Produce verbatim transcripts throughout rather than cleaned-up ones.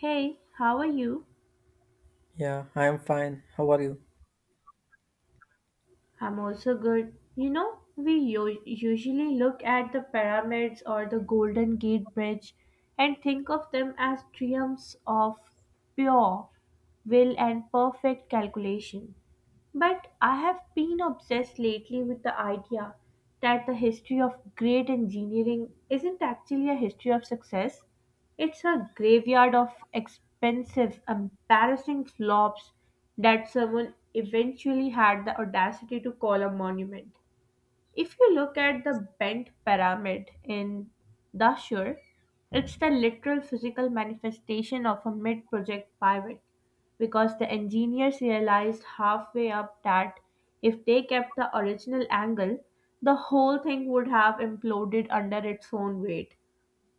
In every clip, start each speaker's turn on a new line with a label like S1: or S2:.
S1: Hey, how are you?
S2: Yeah, I am fine. How are you?
S1: I'm also good. You know, we u- usually look at the pyramids or the Golden Gate Bridge and think of them as triumphs of pure will and perfect calculation. But I have been obsessed lately with the idea that the history of great engineering isn't actually a history of success. It's a graveyard of expensive, embarrassing flops that someone eventually had the audacity to call a monument. If you look at the bent pyramid in Dashur, it's the literal physical manifestation of a mid project pivot because the engineers realized halfway up that if they kept the original angle, the whole thing would have imploded under its own weight.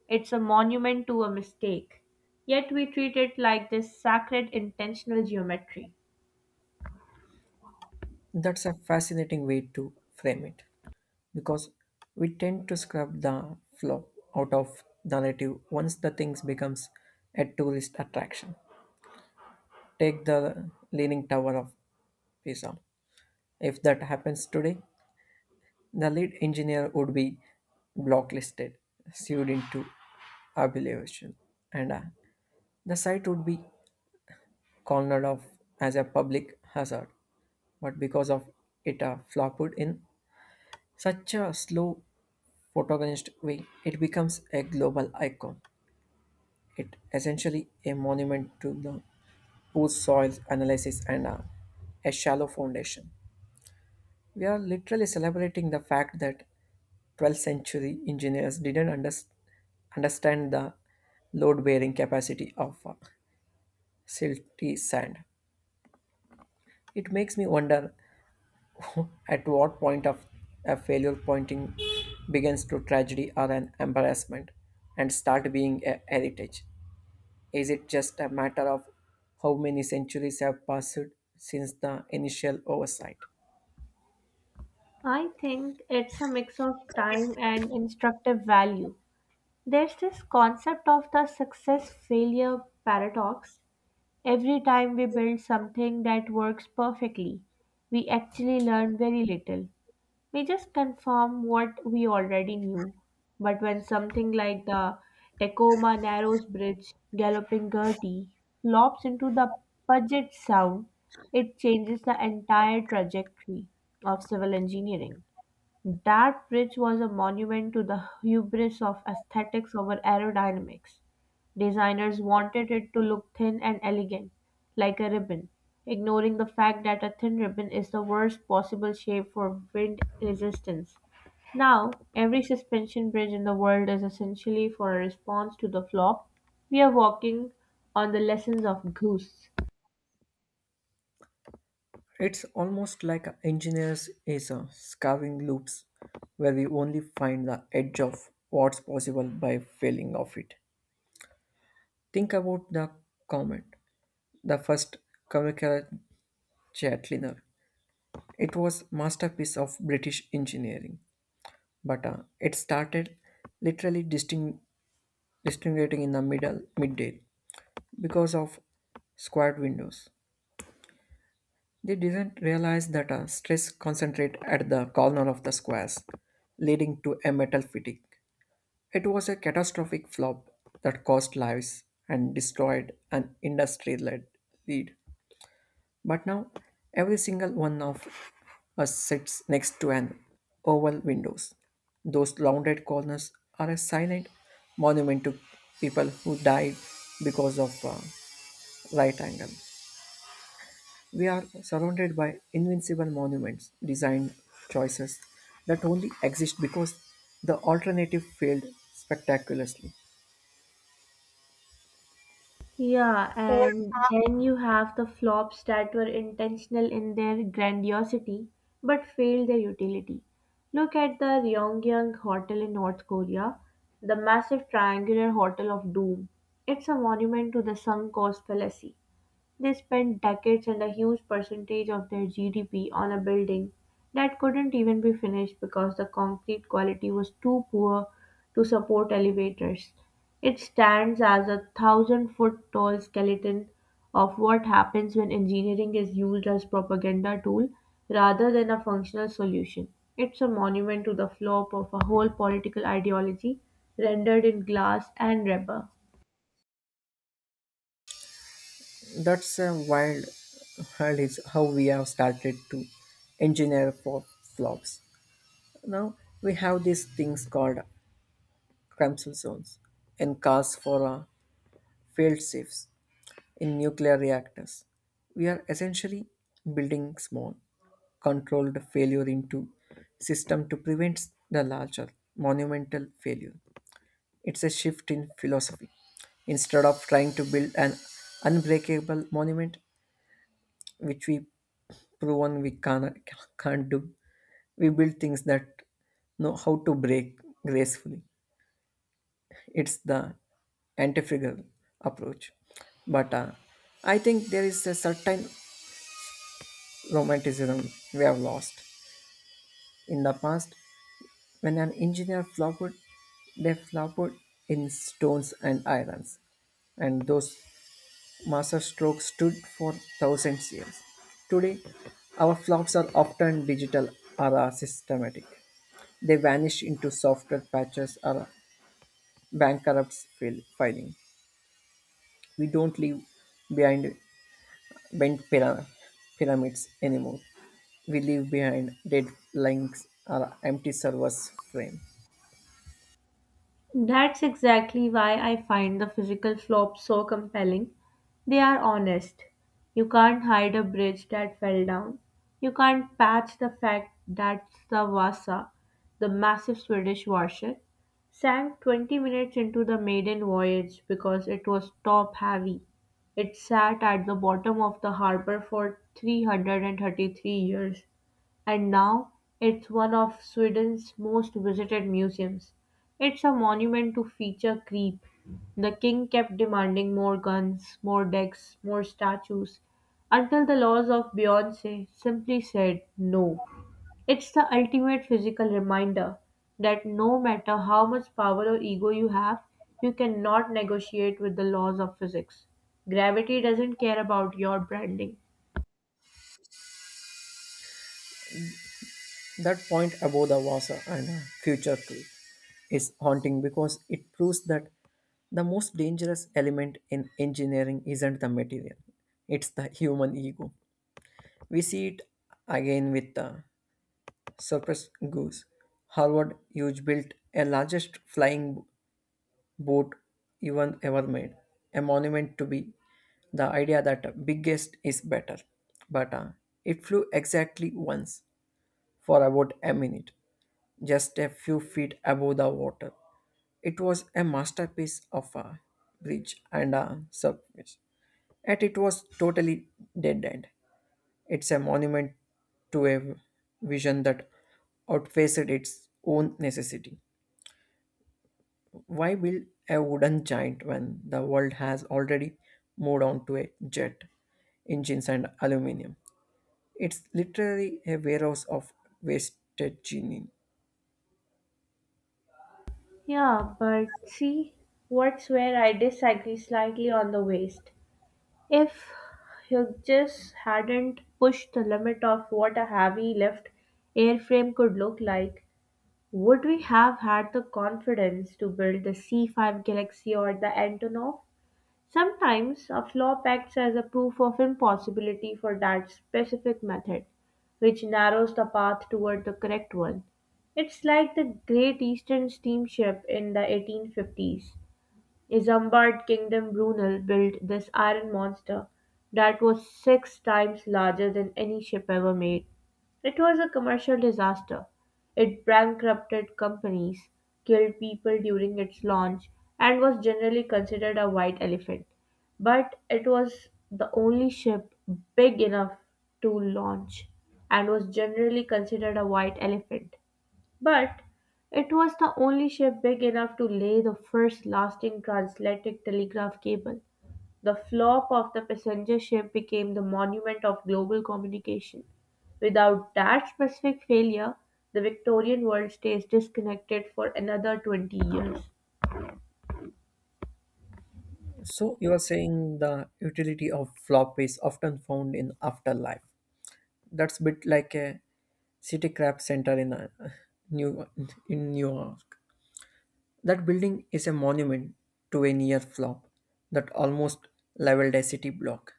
S1: It's a monument to a mistake. Yet we treat it like this sacred intentional geometry.
S2: That's a fascinating way to frame it because we tend to scrub the flow out of the narrative once the things becomes a tourist attraction. Take the Leaning Tower of Pisa. If that happens today, the lead engineer would be blacklisted, sued into obliteration, and uh, the site would be cornered off as a public hazard. But because of it uh, flopped in such a slow photogenist way, it becomes a global icon. It essentially a monument to the poor soil analysis and a, a shallow foundation. We are literally celebrating the fact that twelfth century engineers didn't underst- understand the load bearing capacity of uh, silty sand. It makes me wonder. At what point of a failure pointing begins to tragedy or an embarrassment and start being a heritage? Is it just a matter of how many centuries have passed since the initial oversight?
S1: I think it's a mix of time and instructive value. There's this concept of the success failure paradox. Every time we build something that works perfectly, we actually learn very little. We just confirm what we already knew. But when something like the Tacoma Narrows Bridge, Galloping Gertie, flops into the budget sound, it changes the entire trajectory of civil engineering. That bridge was a monument to the hubris of aesthetics over aerodynamics. Designers wanted it to look thin and elegant, like a ribbon, ignoring the fact that a thin ribbon is the worst possible shape for wind resistance. Now, every suspension bridge in the world is essentially for a response to the flop. We are walking on the lessons of Goose.
S2: It's almost like a engineers is a scarving loops where we only find the edge of what's possible by failing of it. Think about the comet, the first communicator jet cleaner. It was masterpiece of British engineering, but uh, it started literally disting- disintegrating in the middle midday because of squared windows. They didn't realize that uh, stress concentrate at the corner of the squares, leading to a metal fatigue. It was a catastrophic flop that cost lives and destroyed an industry-led lead. But now, every single one of us sits next to an oval windows. Those rounded corners are a silent monument to people who died because of uh, right angle. We are surrounded by invincible monuments, designed choices that only exist because the alternative failed spectacularly.
S1: Yeah, and then you have the flops that were intentional in their grandiosity but failed their utility. Look at the Ryongyang Hotel in North Korea, the massive triangular hotel of doom. It's a monument to the sunk cost fallacy. They spent decades and a huge percentage of their G D P on a building that couldn't even be finished because the concrete quality was too poor to support elevators. It stands as a thousand foot tall skeleton of what happens when engineering is used as propaganda tool rather than a functional solution. It's a monument to the flop of a whole political ideology rendered in glass and rubber.
S2: That's a wild, wild is how we have started to engineer for flops. Now we have these things called Crumbsell zones and cars for uh, failed safes in nuclear reactors. We are essentially building small, controlled failure into system to prevent the larger monumental failure. It's a shift in philosophy. Instead of trying to build an unbreakable monument, which we proven we can't, can't do, we build things that know how to break gracefully. It's the antifragile approach. But uh, I think there is a certain romanticism we have lost. In the past, when an engineer flopped, they flopped in stones and irons, and those master strokes stood for thousands years. Today, our flops are often digital or are systematic. They vanish into software patches or bankruptcy fil- filing. We don't leave behind bent pyra- pyramids anymore. We leave behind dead links or empty servers frame.
S1: That's exactly why I find the physical flops so compelling. They are honest. You can't hide a bridge that fell down. You can't patch the fact that the Vasa, the massive Swedish warship, sank twenty minutes into the maiden voyage because it was top heavy. It sat at the bottom of the harbor for three hundred thirty-three years, and now it's one of Sweden's most visited museums. It's a monument to feature creep. The king kept demanding more guns, more decks, more statues, until the laws of Beyonce simply said no. It's the ultimate physical reminder that no matter how much power or ego you have, you cannot negotiate with the laws of physics. Gravity doesn't care about your branding.
S2: That point above the water and future tree is haunting because it proves that the most dangerous element in engineering isn't the material, it's the human ego. We see it again with the surface goose. Harvard huge built a largest flying boat even ever made, a monument to be the idea that biggest is better. But uh, It flew exactly once for about a minute, just a few feet above the water. It was a masterpiece of a bridge and a surface, and it was totally dead end. It's a monument to a vision that outfaced its own necessity. Why build a wooden giant when the world has already moved on to a jet engines and aluminum? It's literally a warehouse of wasted genie.
S1: Yeah, but see, what's where I disagree slightly on the waist. If Hughes hadn't pushed the limit of what a heavy lift airframe could look like, would we have had the confidence to build the C five Galaxy or the Antonov? Sometimes a flop acts as a proof of impossibility for that specific method, which narrows the path toward the correct one. It's like the Great Eastern Steamship in the eighteen fifties. A Lombard kingdom, Brunel built this iron monster that was six times larger than any ship ever made. It was a commercial disaster. It bankrupted companies, killed people during its launch, and was generally considered a white elephant. But it was the only ship big enough to launch and was generally considered a white elephant. But it was the only ship big enough to lay the first lasting transatlantic telegraph cable. The flop of the passenger ship became the monument of global communication. Without that specific failure, the Victorian world stays disconnected for another twenty years.
S2: So you are saying the utility of flop is often found in afterlife. That's a bit like a city crap center in uh, New in New York. That building is a monument to a near flop that almost leveled a city block.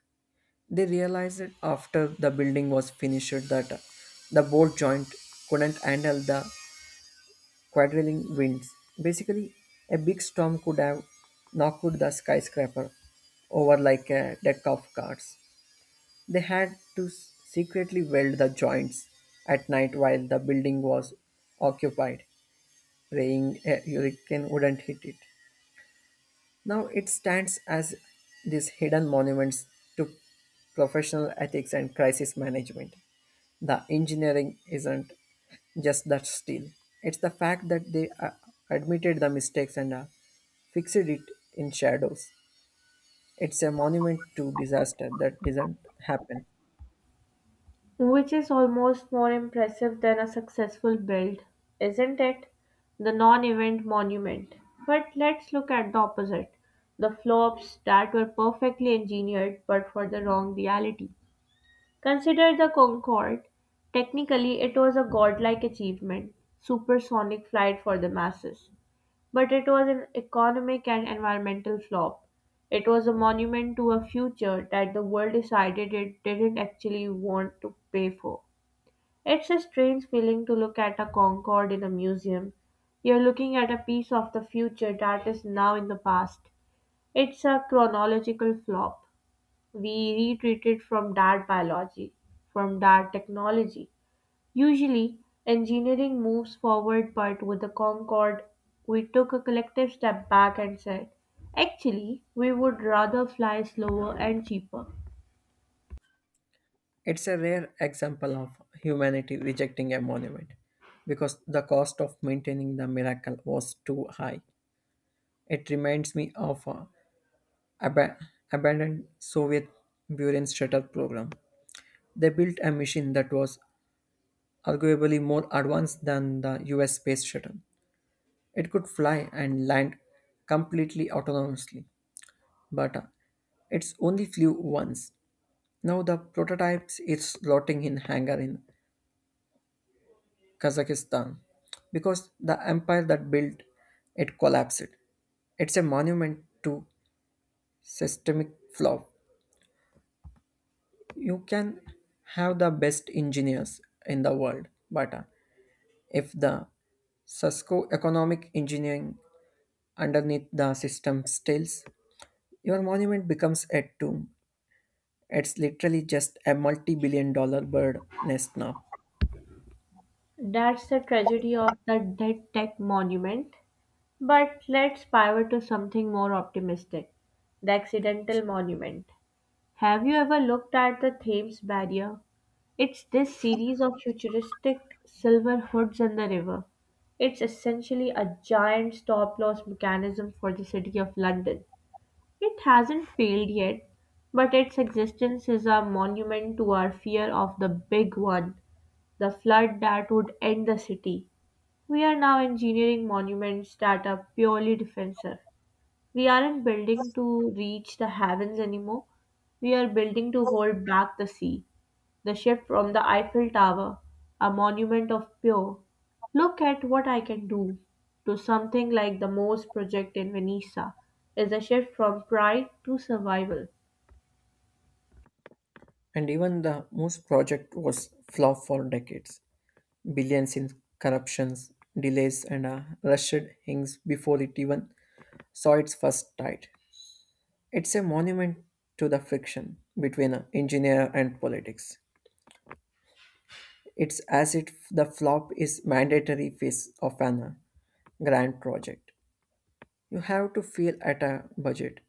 S2: They realized that after the building was finished that the bolt joint couldn't handle the quadrilling winds. Basically, a big storm could have knocked the skyscraper over like a deck of cards. They had to s- secretly weld the joints at night while the building was occupied, praying a hurricane wouldn't hit it. Now it stands as these hidden monuments to professional ethics and crisis management. The engineering isn't just that steel. It's the fact that they uh, admitted the mistakes and uh, fixed it in shadows. It's a monument to disaster that didn't happen.
S1: Which is almost more impressive than a successful build, isn't it? The non event monument. But let's look at the opposite, the flops that were perfectly engineered but for the wrong reality. Consider the Concorde. Technically, it was a godlike achievement, supersonic flight for the masses. But it was an economic and environmental flop. It was a monument to a future that the world decided it didn't actually want to pay for. It's a strange feeling to look at a Concorde in a museum. You're looking at a piece of the future that is now in the past. It's a chronological flop. We retreated from that biology, from that technology. Usually, engineering moves forward, but with the Concorde, we took a collective step back and said, actually, we would rather fly slower and cheaper.
S2: It's a rare example of humanity rejecting a monument because the cost of maintaining the miracle was too high. It reminds me of uh, aba- abandoned Soviet Buran shuttle program. They built a machine that was arguably more advanced than the U S space shuttle. It could fly and land completely autonomously, but uh, it's only flew once. Now the prototype is rotting in hangar in Kazakhstan because the empire that built it collapsed. It's a monument to systemic flaw. You can have the best engineers in the world but uh, if the socioeconomic engineering underneath the system stills your monument becomes a tomb. It's literally just a multi-billion dollar bird nest now.
S1: That's the tragedy of the dead tech monument. But let's pivot to something more optimistic, the accidental monument. Have you ever looked at the Thames Barrier? It's this series of futuristic silver hoods in the river. It's essentially a giant stop loss mechanism for the City of London. It hasn't failed yet, but its existence is a monument to our fear of the big one, the flood that would end the city. We are now engineering monuments that are purely defensive. We aren't building to reach the heavens anymore. We are building to hold back the sea. The shift from the Eiffel Tower, a monument of pure, look at what I can do, to something like the Moors project in Venice, is a shift from pride to survival.
S2: And even the most project was flop for decades, billions in corruptions, delays, and uh, rushed hings before it even saw its first tide. It's a monument to the friction between a engineer and politics. It's as if the flop is mandatory phase of an uh, grand project. You have to fail at a budget,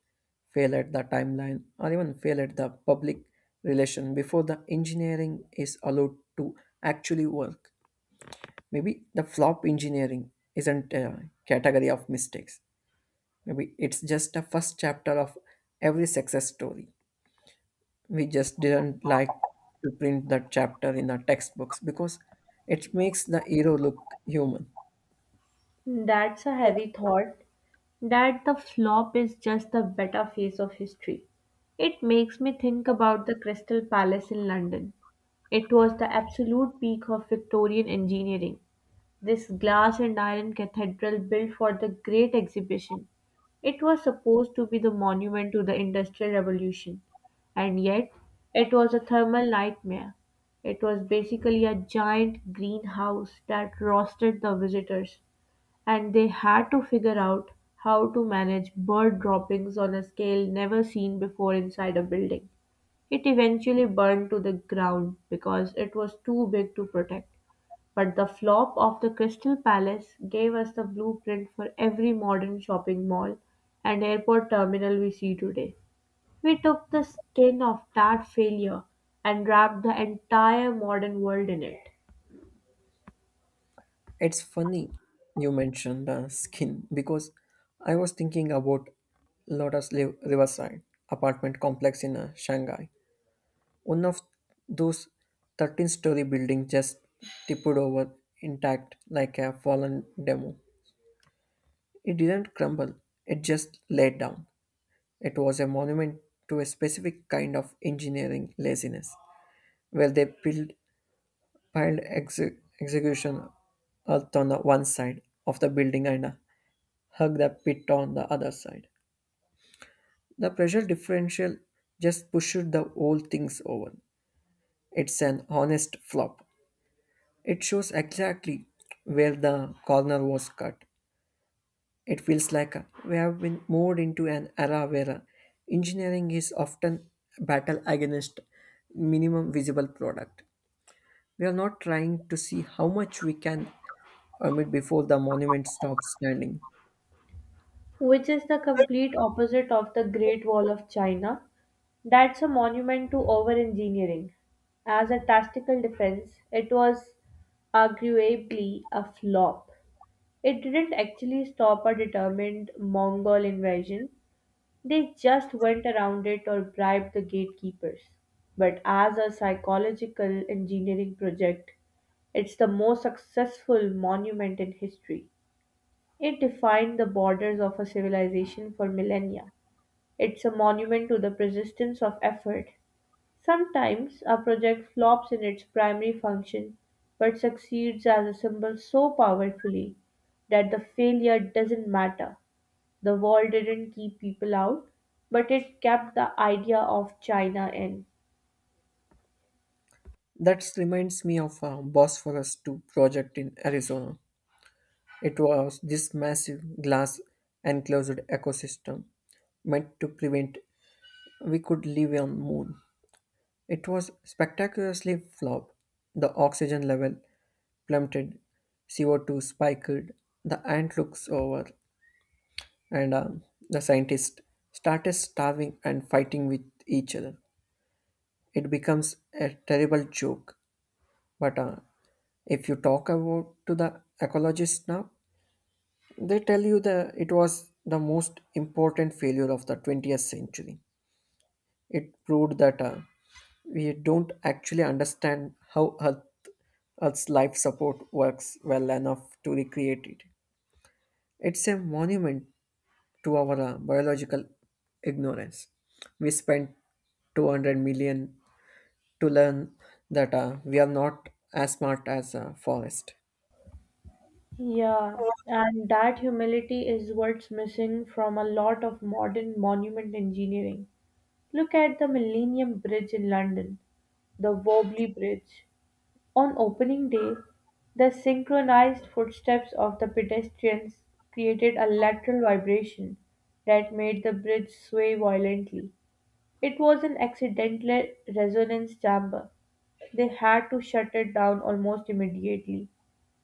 S2: fail at the timeline, or even fail at the public relation before the engineering is allowed to actually work. Maybe the flop engineering isn't a category of mistakes. Maybe it's just a first chapter of every success story. We just didn't like to print that chapter in the textbooks because it makes the hero look human.
S1: That's a heavy thought. That the flop is just the better face of history. It makes me think about the Crystal Palace in London. It was the absolute peak of Victorian engineering. This glass and iron cathedral built for the Great Exhibition. It was supposed to be the monument to the Industrial Revolution, and yet it was a thermal nightmare. It was basically a giant greenhouse that roasted the visitors, and they had to figure out how to manage bird droppings on a scale never seen before inside a building. It eventually burned to the ground because it was too big to protect. But the flop of the Crystal Palace gave us the blueprint for every modern shopping mall and airport terminal we see today. We took the skin of that failure and wrapped the entire modern world in it,
S2: It's funny you mentioned the skin because I was thinking about Lotus Li- Riverside apartment complex in uh, Shanghai. One of those thirteen story building just tipped over intact like a fallen demo. It didn't crumble, it just laid down. It was a monument to a specific kind of engineering laziness, where they piled, piled exe- execution earth on the one side of the building and hugged the pit on the other side. The pressure differential just pushed the whole things over. It's an honest flop. It shows exactly where the corner was cut. It feels like uh, we have been moved into an era where uh, engineering is often a battle against minimum visible product. We are not trying to see how much we can amid before the monument stops standing.
S1: which is the complete opposite of the Great Wall of China. That's a monument to over engineering. As a tactical defense, it was arguably a flop. It didn't actually stop a determined Mongol invasion. They just went around it or bribed the gatekeepers. But as a psychological engineering project, it's the most successful monument in history. It defined the borders of a civilization for millennia. It's a monument to the persistence of effort. Sometimes a project flops in its primary function but succeeds as a symbol so powerfully that the failure doesn't matter. The wall didn't keep people out, but it kept the idea of China in.
S2: That reminds me of a Bosphorus two project in Arizona. It was this massive glass enclosed ecosystem meant to prevent we could live on moon. It was spectacularly flawed. The oxygen level plummeted, C O two spiked, the ant looks over, and um, the scientists started starving and fighting with each other. It becomes a terrible joke. But uh, If you talk about to the ecologists now, they tell you that it was the most important failure of the twentieth century. It proved that uh, we don't actually understand how Earth, Earth's life support works well enough to recreate it. It's a monument to our uh, biological ignorance. We spent two hundred million to learn that uh, we are not as smart as a forest.
S1: Yeah, and that humility is what's missing from a lot of modern monument engineering. Look at the Millennium Bridge in London, the Wobbly Bridge. On opening day, the synchronized footsteps of the pedestrians created a lateral vibration that made the bridge sway violently. It was an accidental resonance chamber. They had to shut it down almost immediately.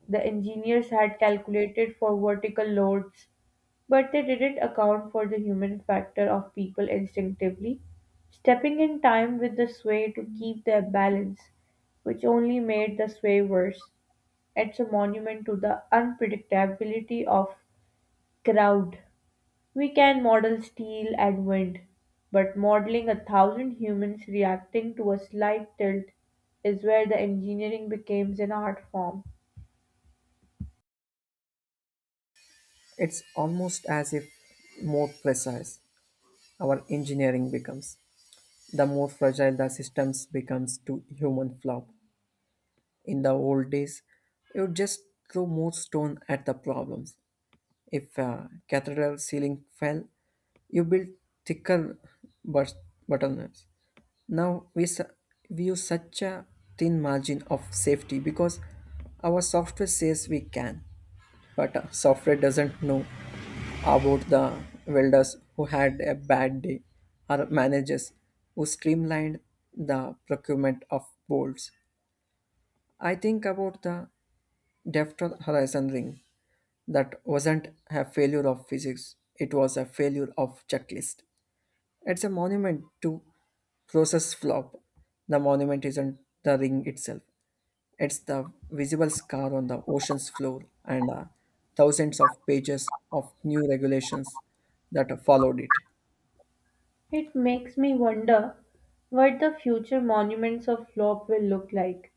S1: The engineers had calculated for vertical loads, but they didn't account for the human factor of people instinctively stepping in time with the sway to keep their balance, which only made the sway worse. It's a monument to the unpredictability of crowd. We can model steel and wind, but modeling a thousand humans reacting to a slight tilt is where the engineering becomes an art form.
S2: It's almost as if more precise our engineering becomes, the more fragile the systems becomes to human flaw. In the old days, you would just throw more stone at the problems. If a cathedral ceiling fell, you built thicker but- bottlenecks. Now we, su- we use such a thin margin of safety because our software says we can. But uh, software doesn't know about the welders who had a bad day or managers who streamlined the procurement of bolts. I think about the Defton Horizon ring that wasn't a failure of physics, it was a failure of checklist. It's a monument to process flop. The monument isn't the ring itself, it's the visible scar on the ocean's floor and uh, thousands of pages of new regulations that followed it.
S1: It makes me wonder what the future monuments of Flop will look like.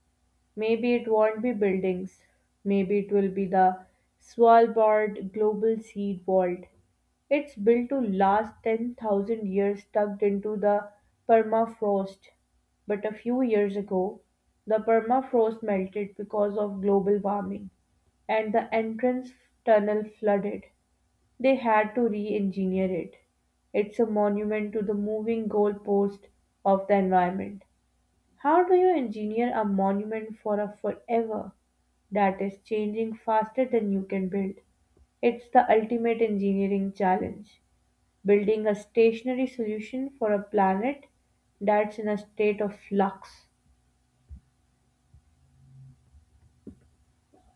S1: Maybe it won't be buildings, maybe it will be the Svalbard Global Seed Vault. It's built to last ten thousand years tucked into the permafrost, but a few years ago, the permafrost melted because of global warming, and the entrance tunnel flooded. They had to re-engineer it. It's a monument to the moving goalpost of the environment. How do you engineer a monument for a forever that is changing faster than you can build? It's the ultimate engineering challenge, building a stationary solution for a planet that's in a state of flux.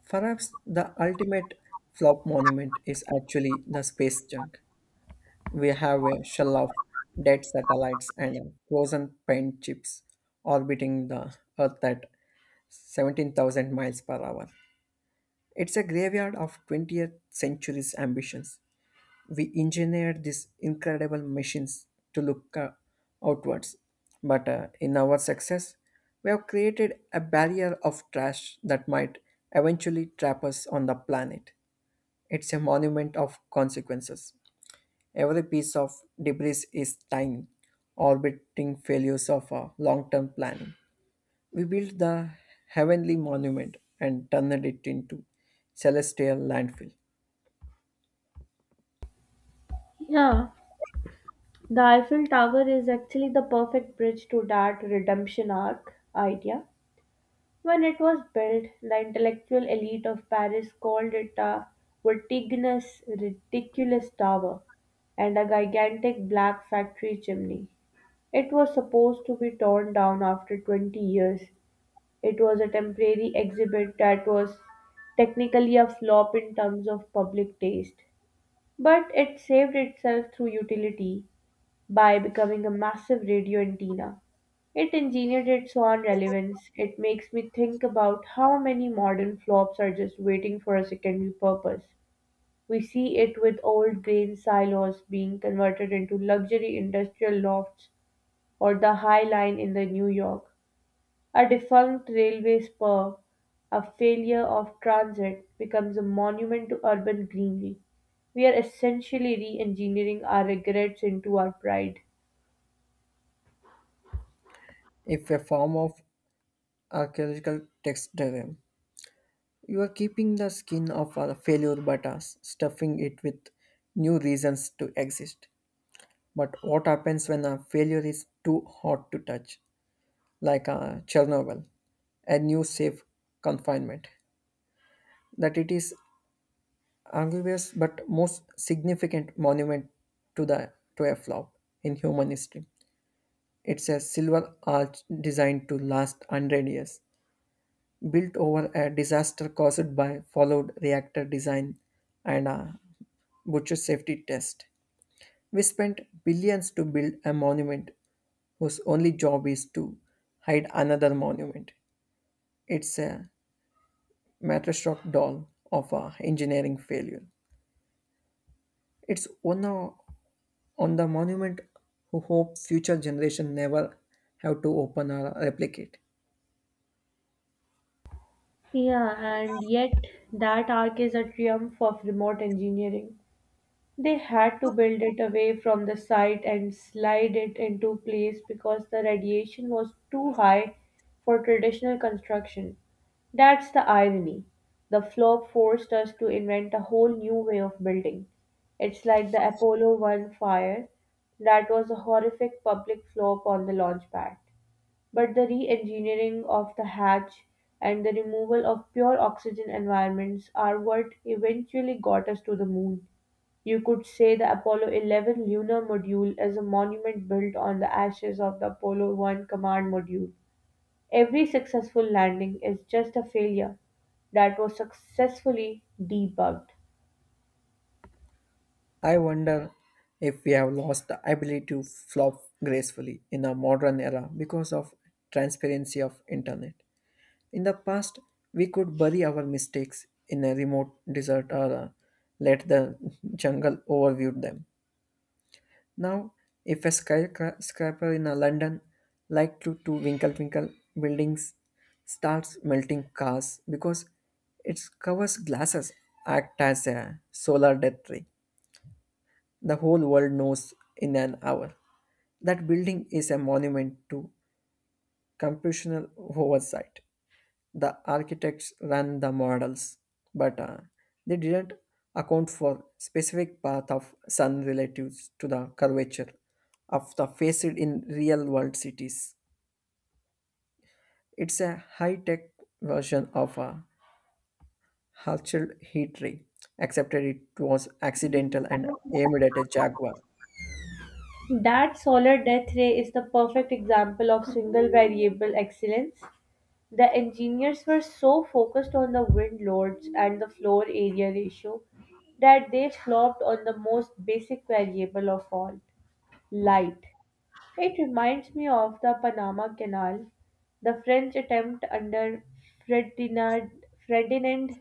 S2: Perhaps the ultimate flop monument is actually the space junk. We have a shell of dead satellites and uh, frozen paint chips orbiting the Earth at seventeen thousand miles per hour. It's a graveyard of twentieth century's ambitions. We engineered these incredible machines to look uh, outwards, but uh, in our success, we have created a barrier of trash that might eventually trap us on the planet. It's a monument of consequences. Every piece of debris is tiny, orbiting failures of our long term planning. We built the heavenly monument and turned it into celestial landfill.
S1: Yeah, the Eiffel Tower is actually the perfect bridge to that redemption arc idea. When it was built, the intellectual elite of Paris called it a vertiginous, ridiculous tower and a gigantic black factory chimney. It was supposed to be torn down after twenty years. It was a temporary exhibit that was technically a flop in terms of public taste, but it saved itself through utility by becoming a massive radio antenna. It engineered its own relevance. It makes me think about how many modern flops are just waiting for a secondary purpose. We see it with old grain silos being converted into luxury industrial lofts or the High Line in the New York. A defunct railway spur, a failure of transit, becomes a monument to urban greenery. We are essentially re engineering our regrets into our pride.
S2: If a form of archaeological texture. You are keeping the skin of a failure but are stuffing it with new reasons to exist. But what happens when a failure is too hot to touch, like a Chernobyl, a new safe confinement? That it is arguous but most significant monument to the to a flop in human history. It's a silver arch designed to last one hundred years, built over a disaster caused by followed reactor design and a butcher safety test. We spent billions to build a monument whose only job is to hide another monument. It's a mattershot doll of a engineering failure. It's one o- on the monument who hope future generation never have to open or replicate.
S1: Yeah, and yet that arc is a triumph of remote engineering. They had to build it away from the site and slide it into place because the radiation was too high for traditional construction. That's the irony. The flop forced us to invent a whole new way of building. It's like the Apollo one fire. That was a horrific public flop on the launch pad. But the re engineering of the hatch and the removal of pure oxygen environments are what eventually got us to the moon. You could say the Apollo eleven lunar module is a monument built on the ashes of the Apollo one command module. Every successful landing is just a failure that was successfully debugged.
S2: I wonder if we have lost the ability to flop gracefully in a modern era because of transparency of internet. In the past, we could bury our mistakes in a remote desert or uh, let the jungle overview them. Now, if a skyscraper in uh, London, like to, to Winkle Winkle buildings, starts melting cars because it covers glasses act as a solar death ray. The whole world knows in an hour. That building is a monument to computational oversight. The architects ran the models, but uh, they didn't account for specific path of sun relatives to the curvature of the faced in real world cities. It's a high tech version of a Hatchel heat ray, except that it was accidental and aimed at a jaguar.
S1: That solar death ray is the perfect example of single variable excellence. The engineers were so focused on the wind loads and the floor area ratio that they flopped on the most basic variable of all light. It reminds me of the Panama Canal, the French attempt under Ferdinand, Ferdinand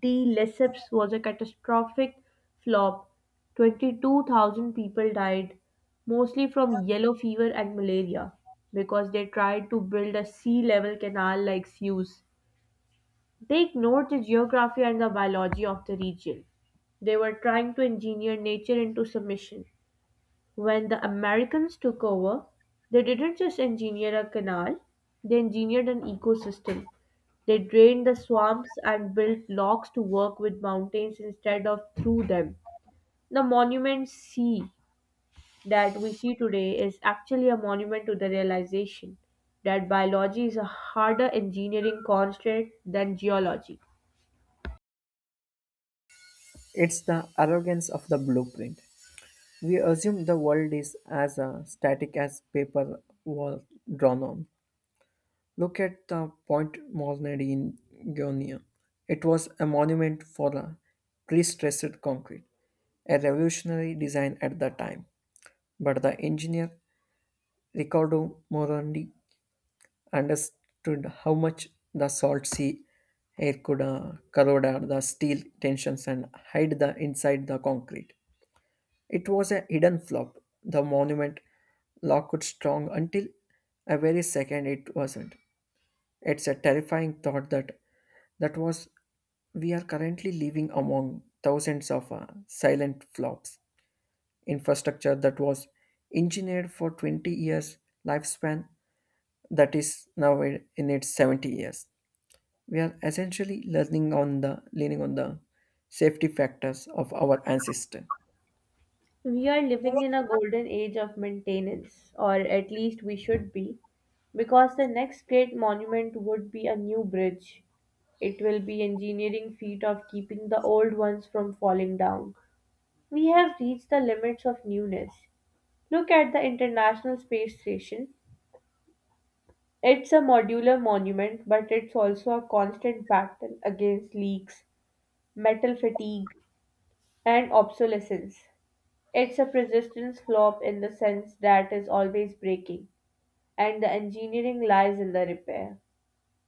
S1: de Lesseps was a catastrophic flop. twenty-two thousand people died, mostly from yellow fever and malaria, because they tried to build a sea level canal like Suez. They ignored the geography and the biology of the region. They were trying to engineer nature into submission. When the Americans took over, they didn't just engineer a canal, they engineered an ecosystem. They drained the swamps and built locks to work with mountains instead of through them. The monument C that we see today is actually a monument to the realization that biology is a harder engineering constraint than geology.
S2: It's the arrogance of the blueprint. We assume the world is as uh, static as paper was drawn on. Look at the Point Molnadi in Ionia. It was a monument for the pre-stressed concrete, a revolutionary design at the time. But the engineer Riccardo Morandi understood how much the salt sea air could uh, corrode the steel tensions and hide the inside the concrete. It was a hidden flop. The monument looked strong until a very second it wasn't. It's a terrifying thought that that was we are currently living among thousands of uh, silent flops infrastructure that was engineered for twenty years lifespan that is now in in its seventy years. We are essentially learning on the leaning on the safety factors of our ancestor.
S1: We are living in a golden age of maintenance, or at least we should be, because the next great monument would be a new bridge. It will be engineering feat of keeping the old ones from falling down. We have reached the limits of newness. Look at the International Space Station. It's a modular monument, but it's also a constant battle against leaks, metal fatigue, and obsolescence. It's a persistence flop in the sense that is always breaking, and the engineering lies in the repair.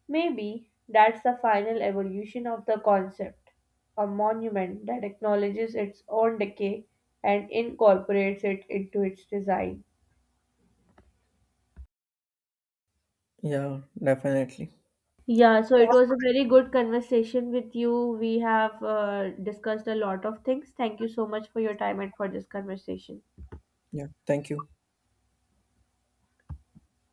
S1: Maybe that's the final evolution of the concept, a monument that acknowledges its own decay and incorporates it into its design.
S2: Yeah, definitely.
S1: Yeah, so it was a very good conversation with you. We have uh, discussed a lot of things. Thank you so much for your time and for this conversation.
S2: Yeah, thank you.